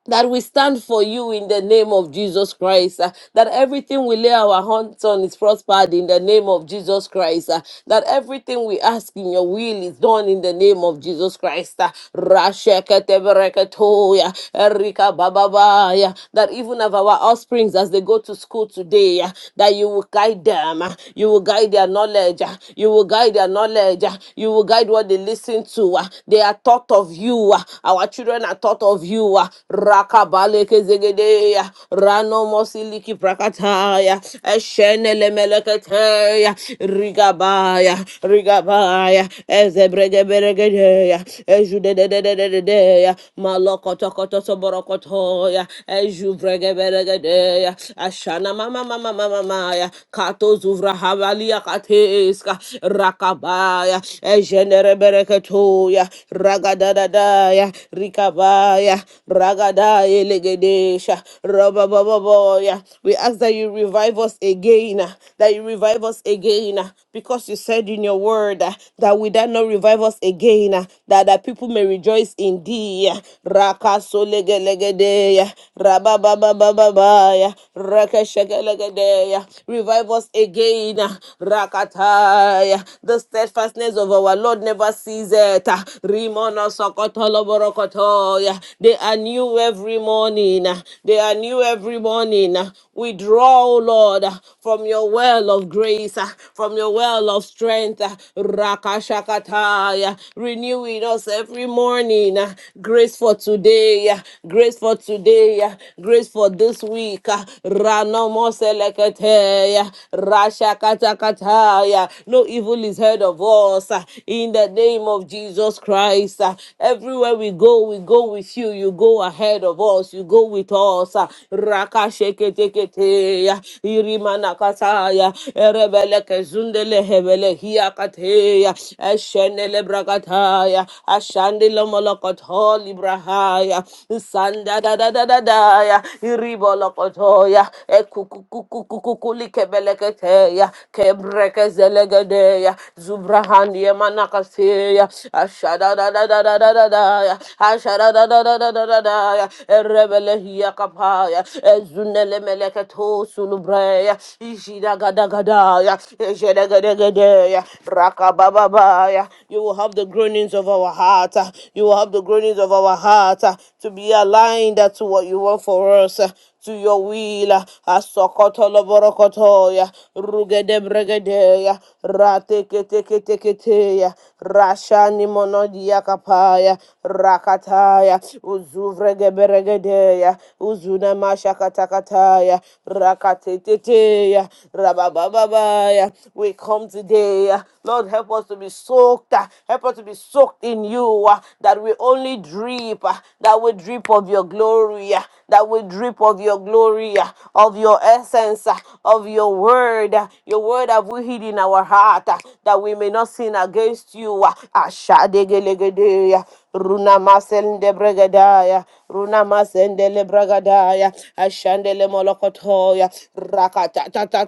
Speaker 2: that we stand for you in the name of Jesus Christ. uh, that everything we lay our hands on is prospered in the name of Jesus Christ. uh, that everything we ask in your will is done in the name of Jesus Christ. uh, Rasheketebereketoya, Erikabababaya, that even of our offsprings as they go to school today, uh, that you will guide them, uh, you will guide their knowledge, uh, you will guide their knowledge, uh, you will guide what they listen to. uh, they are taught of you you. ah. Our children are taught of you. ah. Rakabaleke zegedeya. Rano mosiliki prakataya. Eshenele meleketeya. Rigabaya. Rigabaya. Ezebregeberegedeya. Ejudedededededeya. Malokotokotosoborokotoya. Ejubregeberegedeya. Ashana mama mama mama maya. Kato zuvra havalia kateska. Rakabaya. Ejene Mandere bereketoya, ragadadadaya, rikabaya, ragadaya legedesha, rabababoya. We ask that you revive us again, uh, that you revive us again, uh, because you said in your word uh, that we dare not revive us again, uh, that the people may rejoice in thee. uh, Rakaso legelegedeya, rabababababaya, rakashagelegedeya. Revive us again, uh, rakata. Ay, The steadfastness of our Lord never ceases. Rimono sokotolo borokoto. They are new every morning. They are new every morning. We draw, O Lord, from your well of grace, from your well of strength. Rakashakataya. Renew in us every morning. Grace for today. Grace for today. Grace for this week. Ranomoselekete. Kataya, Rasha kata Rashakatakataya. No evil is heard of us uh, in the name of Jesus Christ. uh, Everywhere we go, we go with you. You go ahead of us. You go with us. uh, Raka Sheke Teketeya, Irimana Kataya, Erebele Kezundele Hebele Hiakateya, Eshenele Brakataya, Ashandele Molokot Holibrahaya, Sanda da da da da da ya. Sandadadadadadaya. Kolopotoya, Ekukukukukulikebeleketeya, Kebrekezelegedeya, Zubrahania Manakaseya, Ashadadadadadadadaya, Ashadadadadadadadaya, Erebelehia Kapaya, Ezunele Meleketo Sulubreya, Ishidagadagada, Ejedegedegedeya, Rakabababaya. You will have the groanings of our heart. You will have the groanings of our heart to be aligned to what you want for us to your will. Asokoto loborokotoya, rugede bregedeya, rateketeketeketeya, rashani monodia kapaya, rakataya, uzuvregeberegedeya, uzuna mashakatakataya, rakateteteya, rababababaya. We come today, uh, Lord, help us to be soaked, uh, help us to be soaked in you, uh, that we only drip, uh, that will drip of your glory, ah, that will drip of your glory, ah, of your essence, ah, of your word. ah. Your word have we hid in our heart ah, that we may not sin against you. ah. Ashadegelegede, ah. Runa masende bregadaya, runa masende le bregadaya, ashandele molokotoya, rakata ta ta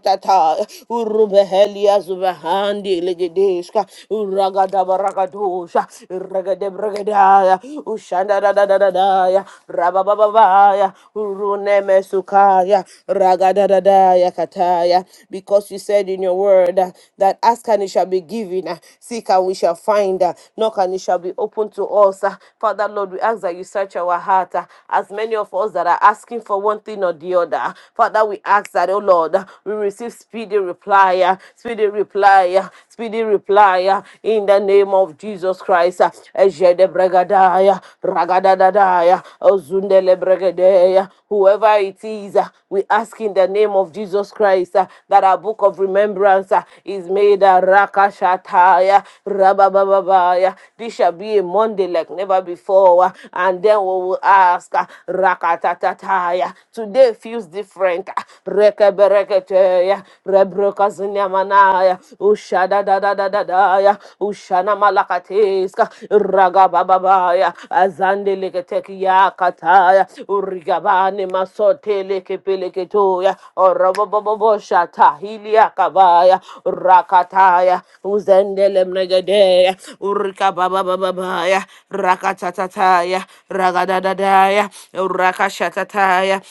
Speaker 2: urubehelia zubahandi legedeshka, uragada baragadosha, Usha Regade Bregadaya Ushanda da da da da da ya Rabababaya Uruneme Sukaya Ragada da da ya Kataya because you said in your word uh, that ask and it shall be given uh, seek and we shall find uh, knock and it shall be open to us uh. Father Lord we ask that you search our heart uh, as many of us that are asking for one thing or the other Father we ask that oh Lord uh, we receive speedy reply uh, speedy reply uh, speedy reply uh, in the name of Jesus Christ. uh, Ejede bregadaya, ragadadadaya, ozundele bregadeya. Whoever it is, uh, we ask in the name of Jesus Christ uh, that our book of remembrance uh, is made a rakashataya, rababababaya. This shall be a Monday like never before, uh, and then we will ask uh, rakatataya. Today feels different. uh, rekeberekete, Hey, Rebro Kazunyamanaya, Ushada da da da da da ya, Ushana Malakateska, Ragababaya, Azande Leketeki Yakataya, Urigabani Masote Lekepeleketoya, Orobobobo Shata Hiliakabaya, Rakataya, Uzendelem Negadea, Urikabababaya, Rakatataya, Ragadadadaya, Rakashatataya,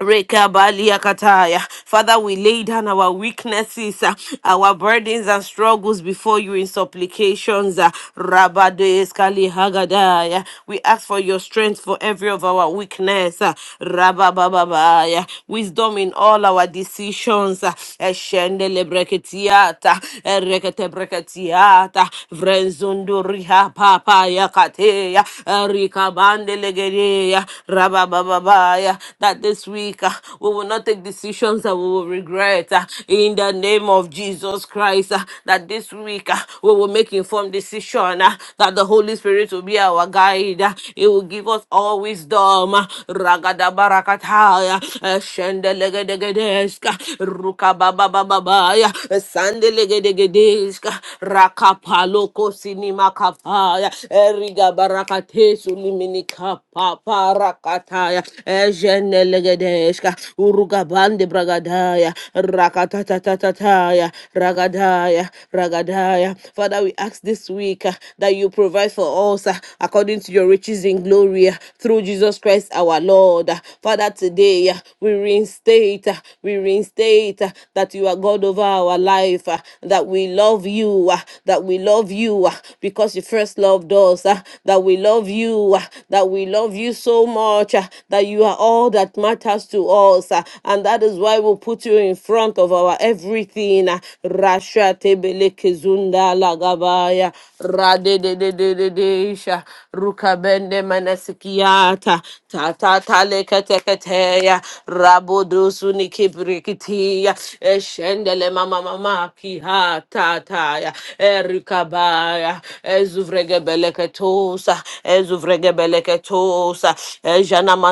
Speaker 2: Rekabaliakataya. Father, we lay down our weaknesses, uh, our burdens and struggles before you in supplications. uh, Rabadoeskali Hagadaya. We ask for your strength for every of our weakness. uh, Rababababaya. Wisdom in all our decisions. uh, Eshendelebreketiata, Ereketebreketiata, Vrenzundurihapapayakateya, Erikabandelegere, Rababababaya. That that this week uh, we will not take decisions that we will regret uh, in the name of Jesus Christ. uh, that this week uh, we will make informed decision uh, that the Holy Spirit will be our guide. uh, He will give us all wisdom. uh, Ragada barakataya, uh, shendelegedegedeshka, rukabababababaya, uh, sandelegedegedeshka, rakapaloko sinimakapaya, erigabarakate sulimini- Minika Rakataya Jenelegedeska, Urugabande Bragadaya, Rakatatatataya, Ragadaya, Ragadaya. Father, we ask this week uh, that you provide for us uh, according to your riches in glory uh, through Jesus Christ our Lord. Uh, Father, today uh, we reinstate, uh, we reinstate uh, that you are God over our life, uh, that we love you, uh, that we love you uh, because you first loved us, uh, that we love you, uh, that we love you so much, uh, that you are all that matters to us. uh, And that is why we'll put you in front of our everything. uh, Rasha tebele kezunda lagabaya. Rade de de de de de isha. Rukabende manasikiata. Ta ta ta leketeketeya. Rabodosu nikibrikitiya. Eshendele mama mama kiha ta ta ya. Erikabaya. Ezuvregebeleketosa. Ezuvregebeleketosa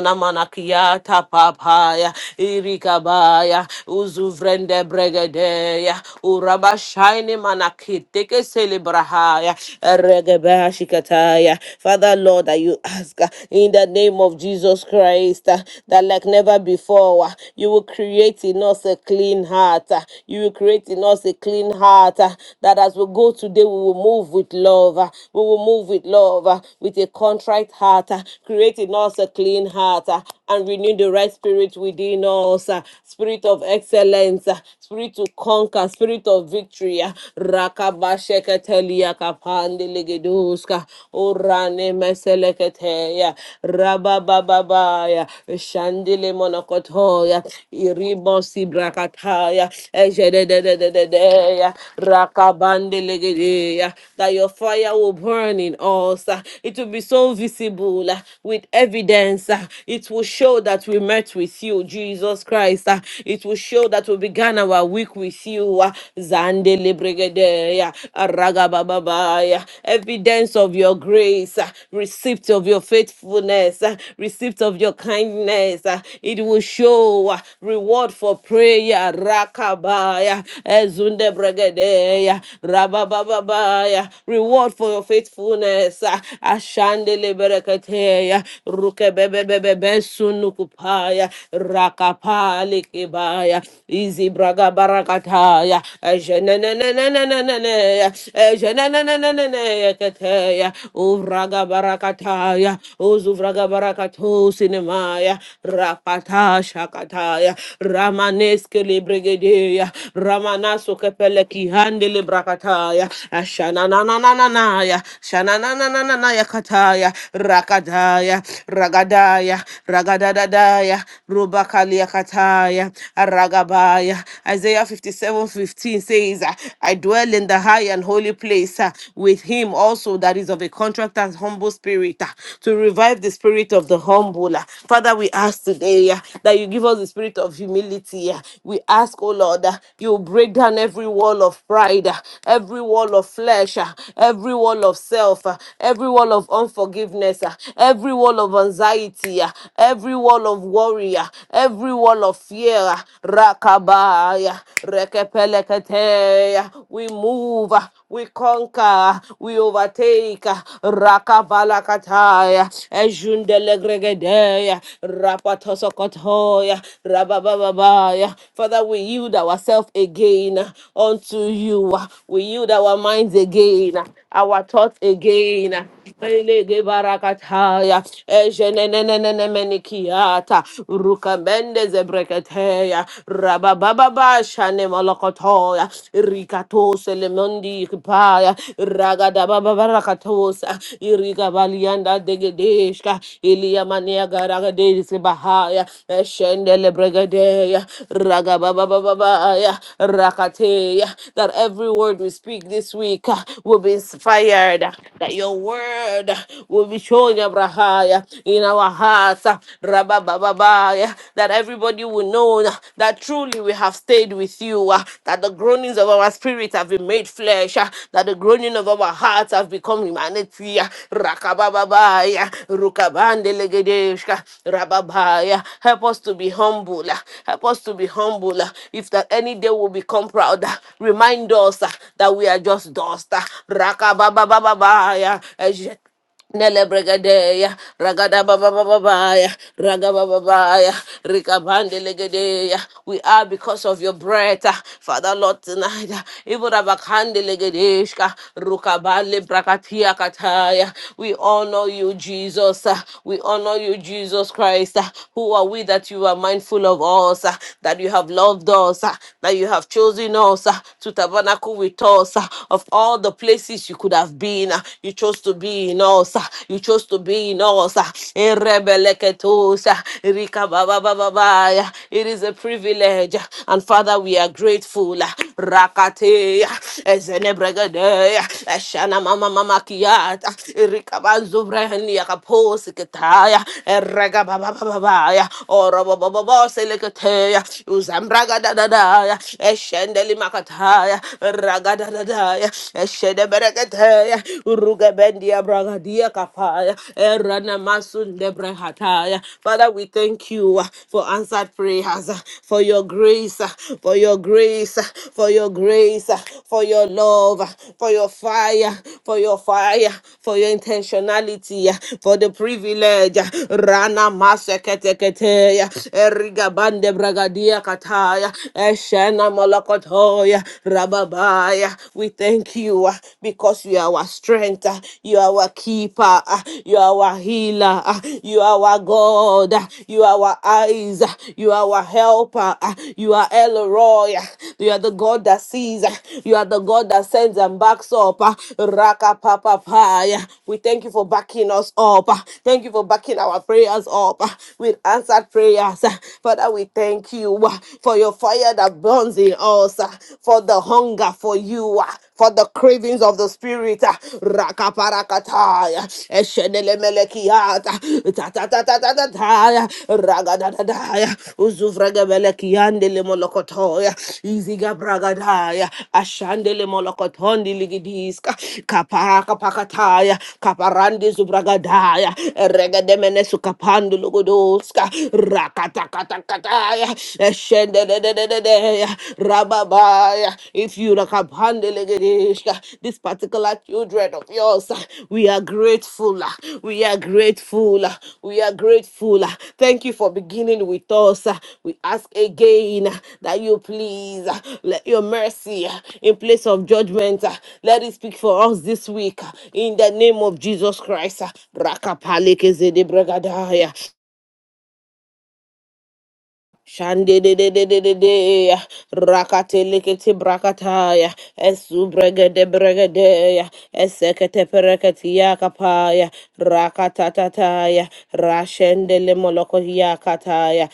Speaker 2: mana mana kiata papaya irikabaya uzuvrende bregedeya urabashaini manakiteke selebrahaya regebashikataya Father Lord that you ask uh, in the name of Jesus Christ uh, that like never before uh, you will create in us a clean heart uh, you will create in us a clean heart uh, that as we go today we will move with love uh, we will move with love uh, with a contrite heart uh, create in us a clean clean heart uh, and renew the right spirit within us. uh, Spirit of excellence, uh, spirit to conquer, spirit of victory. uh, Rakabasheketeliya kapandelegeduska, Orane meseleketeya, Rababababaya, Shandile monokotoya, Iribosi brakataya, Ejedededededeya, Rakabandelegedeya, That your fire will burn in us. uh, It will be so visible uh, with evidence evidence. ah. It will show that we met with you, Jesus Christ. ah. It will show that we began our week with you. ah. Zande lebregedeya, aragabababaya. Evidence of your grace, ah. receipt of your faithfulness, ah. receipt of your kindness. ah. It will show ah, reward for prayer. Rakabaya, ezunde bregedeya, rababababaya. Reward for your faithfulness. ah. Ashande lebereketeya rukebebebebe sunukupaya rakapali kibaya izi braga barakataya ejenenenenenenene ejenenenenenene keteya uvraga barakataya uzuvraga barakatu sinemaya rapata shakataya ramaneske libregedeya ramanaso kepele kihande librakataya ashanananananaya shanananananaya kataya ragadaya, ragadaya, ragadadadaya, rubakaliakataya, aragabaya. Isaiah 57 15 says, uh, I dwell in the high and holy place uh, with him also that is of a contract and humble spirit uh, to revive the spirit of the humble. uh. Father, we ask today uh, that you give us the spirit of humility. uh. We ask, oh Lord, uh, you break down every wall of pride, uh, every wall of flesh, uh, every wall of self, uh, every wall of unforgiveness, uh, every wall of anxiety, ah, every wall of worry, ah, every wall of fear. ah, Rakabaya, rekepelekete, ah, We move, ah, we conquer, ah, we overtake. ah, Rakavalakataya, Ejundelegregedeya, Rapatosokotoya, Rababababaya. Father, we yield ourselves again ah, unto you. ah, We yield our minds again, ah, our thoughts again. ah, barakataya, ejenenenenenenenikiata, rukabende zebreketeya, rabababa shane molokotoya, rikatose lemondi kipaya, ragadababa barakatosa, irigabalianda degedeshka, iliyamania garagadesi bahaya, eshendele bregadeya, ragababababaya, rakateya, that every word we speak this week uh, will be inspired, that your word will be shown Abrahaya in our hearts, uh, Rababababaya, that everybody will know uh, that truly we have stayed with you, uh, that the groanings of our spirit have been made flesh, uh, that the groaning of our hearts have become humanity. uh, Rakabababaya, Rukabandelegedeshka, Rababaya. Help us to be humble. uh, Help us to be humble. uh, If that any day will become proud, uh, remind us uh, that we are just dust. uh, Rakababababaya. Nelebregadeya, ragada baba baba baya, raga baba baya, rikabande legedeya. We are because of your breath, ah. Father Lord tonight. ah, Even abakande legedeshka, rukabale brakatia kataya. We honor you, Jesus. ah. We honor you, Jesus Christ. ah. Who are we that you are mindful of us, ah, that you have loved us, ah, that you have chosen us ah, to tabernacle with us? ah. Of all the places you could have been, ah, you chose to be in us. ah, You chose to be in us. ah. Erebeleketos, ah, Rikababababaya. It is a privilege, ah, and Father, we are grateful. ah. Rakateya, Ezenebregadeya, Eshana Mama Mama Kiata, Rikabanzubrehnia Kaposiketaya, Erega babaya orobo bobo selekataya uzambraga dadadaya eshendeli makataya raga dadadaya eshede berekataya uruga bendia braga dia kapaya erana masunde brehataya father we thank you uh, for answered prayers uh, for your grace uh, for your grace uh, for your grace uh, for your love uh, for your fire for your fire for your intentionality uh, for the privilege uh, rana seketeketeya, eriga bragadia kataya, eshena molokotoya, rababaya. We thank you ah, because you are our strength, ah, you are our keeper, ah, you are our healer, ah, you are our God, ah, you are our eyes, ah, you are our helper, ah, you are Elroy, ah, you are the God that sees, ah, you are the God that sends and backs up, ah, Raka Papa Paya. We thank you for backing us up. uh, Thank you for backing our prayers up uh, with answered prayers. uh. Father, we thank you uh, for your fire that burns in us, uh, for the hunger for you, uh, for the cravings of the spirit. uh. Rakaparakataya, eshenelemelekiata, tatatatataya, ragadadadaya, uzuvregebelekiandelemolokotoya, izigabragadaya, ashandelemolokotondiligidis, kaparaka kaparandi zubragadaya, regademene Logodoska, Rakatakatakataya, Eshendededededea, Rababaya, if you Rakapandelegedeshka, this particular children of yours, we are grateful, we are grateful, we are grateful. Thank you for beginning with us. We ask again that you please let your mercy in place of judgment, let it speak for us this week in the name of Jesus Christ. Rakapalekezedebregadaya. Shandididididididea, rakatilikiti brakataya, esubregede bregedeya, esekete pereketia kapaya, rakatatataya, rashendele molokohia kataya,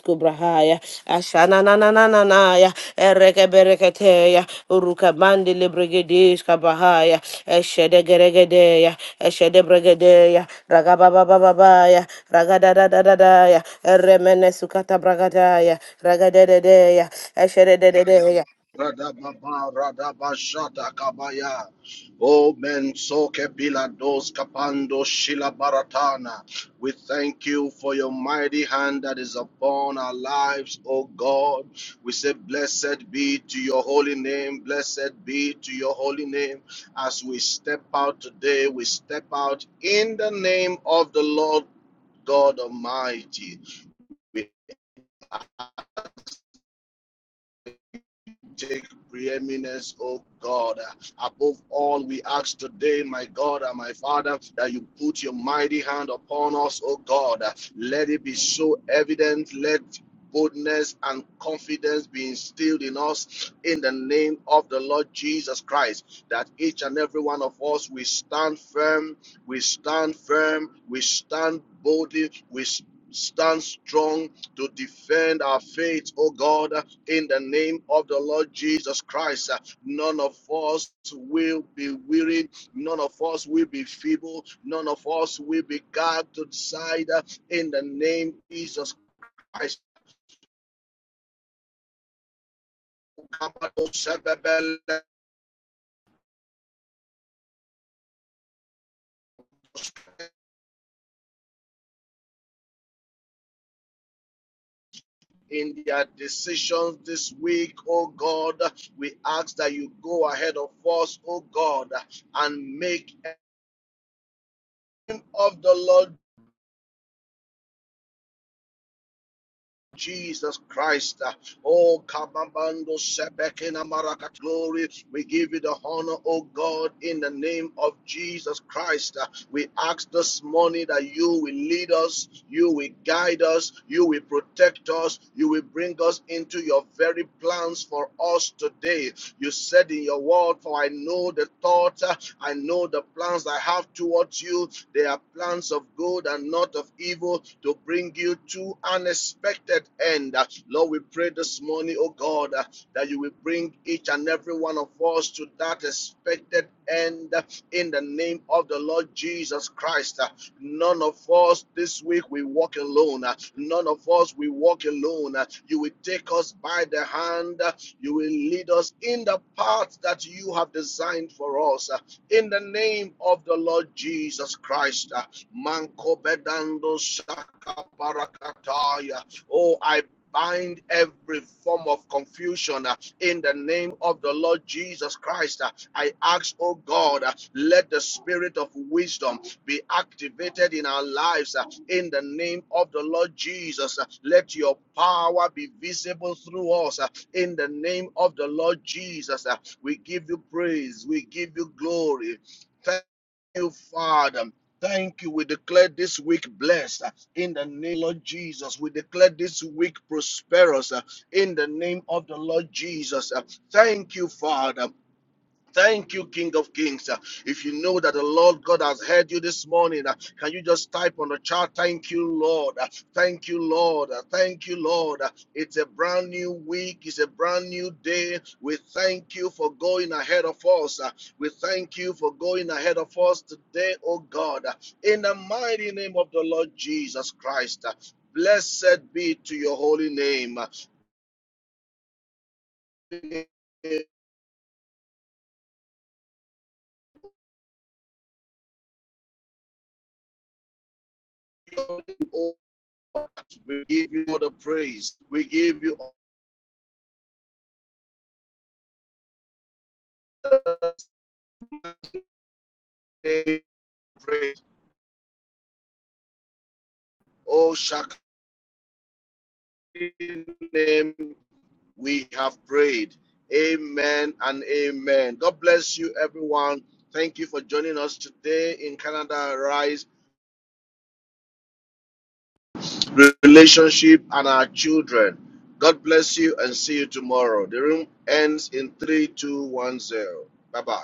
Speaker 2: Disco Brahaya, Ashana Nananaya, Ereke Bereketeya, Uruka Bandi Libregadisca kabahaya. Eshede Geregedeya, Eshede Bregadeya, Ragababa Babaya, Ragadadadadaya, Eremene Sukata Bragadaya, Ragadedeya, Eshede
Speaker 3: Radababa, Radabashata Kabaya, O men so kepilados kapando shila baratana. We thank you for your mighty hand that is upon our lives, O God. We say, Blessed be to your holy name, blessed be to your holy name. As we step out today, we step out in the name of the Lord God Almighty. We take preeminence, oh God. Above all, we ask today, my God and my Father, that you put your mighty hand upon us, oh God. Let it be so evident. Let boldness and confidence be instilled in us in the name of the Lord Jesus Christ, that each and every one of us we stand firm, we stand firm, we stand boldly, we stand strong to defend our faith, oh God, in the name of the Lord Jesus Christ. Uh, None of us will be weary. None of us will be feeble. None of us will be cast to the side uh, in the name of Jesus Christ. In their decisions this week, oh God, we ask that you go ahead of us, oh God, and make end of the Lord Jesus Christ. uh, Oh, Kabamando Sebekina Marakat glory. We give you the honor, oh God, in the name of Jesus Christ. Uh, We ask this morning that you will lead us, you will guide us, you will protect us, you will bring us into your very plans for us today. You said in your word, For I know the thoughts, uh, I know the plans I have towards you, they are plans of good and not of evil to bring you to unexpected end. Uh, Lord, we pray this morning, oh God, uh, that you will bring each and every one of us to that expected end uh, in the name of the Lord Jesus Christ. Uh, None of us this week we walk alone. Uh, None of us we walk alone. Uh, You will take us by the hand. Uh, You will lead us in the path that you have designed for us. Uh, in the name of the Lord Jesus Christ. uh, Manko bedando shaka barakataya. Oh, I bind every form of confusion uh, in the name of the Lord Jesus Christ. uh, I ask, oh God, uh, let the spirit of wisdom be activated in our lives uh, in the name of the Lord Jesus. uh, Let your power be visible through us. uh, in the name of the Lord Jesus, uh, we give you praise. We give you glory. Thank you, Father. Thank you. We declare this week blessed uh, in the name of Lord Jesus. We declare this week prosperous uh, in the name of the Lord Jesus. Uh, Thank you, Father. Thank you, King of Kings. Uh, If you know that the Lord God has heard you this morning, uh, can you just type on the chat, Thank you, Lord. Uh, Thank you, Lord. Uh, Thank you, Lord. Uh, It's a brand new week. It's a brand new day. We thank you for going ahead of us. Uh, We thank you for going ahead of us today, oh God. Uh, In the mighty name of the Lord Jesus Christ, uh, blessed be to your holy name. Uh, We give you all the praise. We give you all. the name praise. Oh, Shakti name we have prayed. Amen and amen. God bless you, everyone. Thank you for joining us today in Canada Rise Relationship and our children. God bless you and see you tomorrow. The room ends in 3210. Bye bye.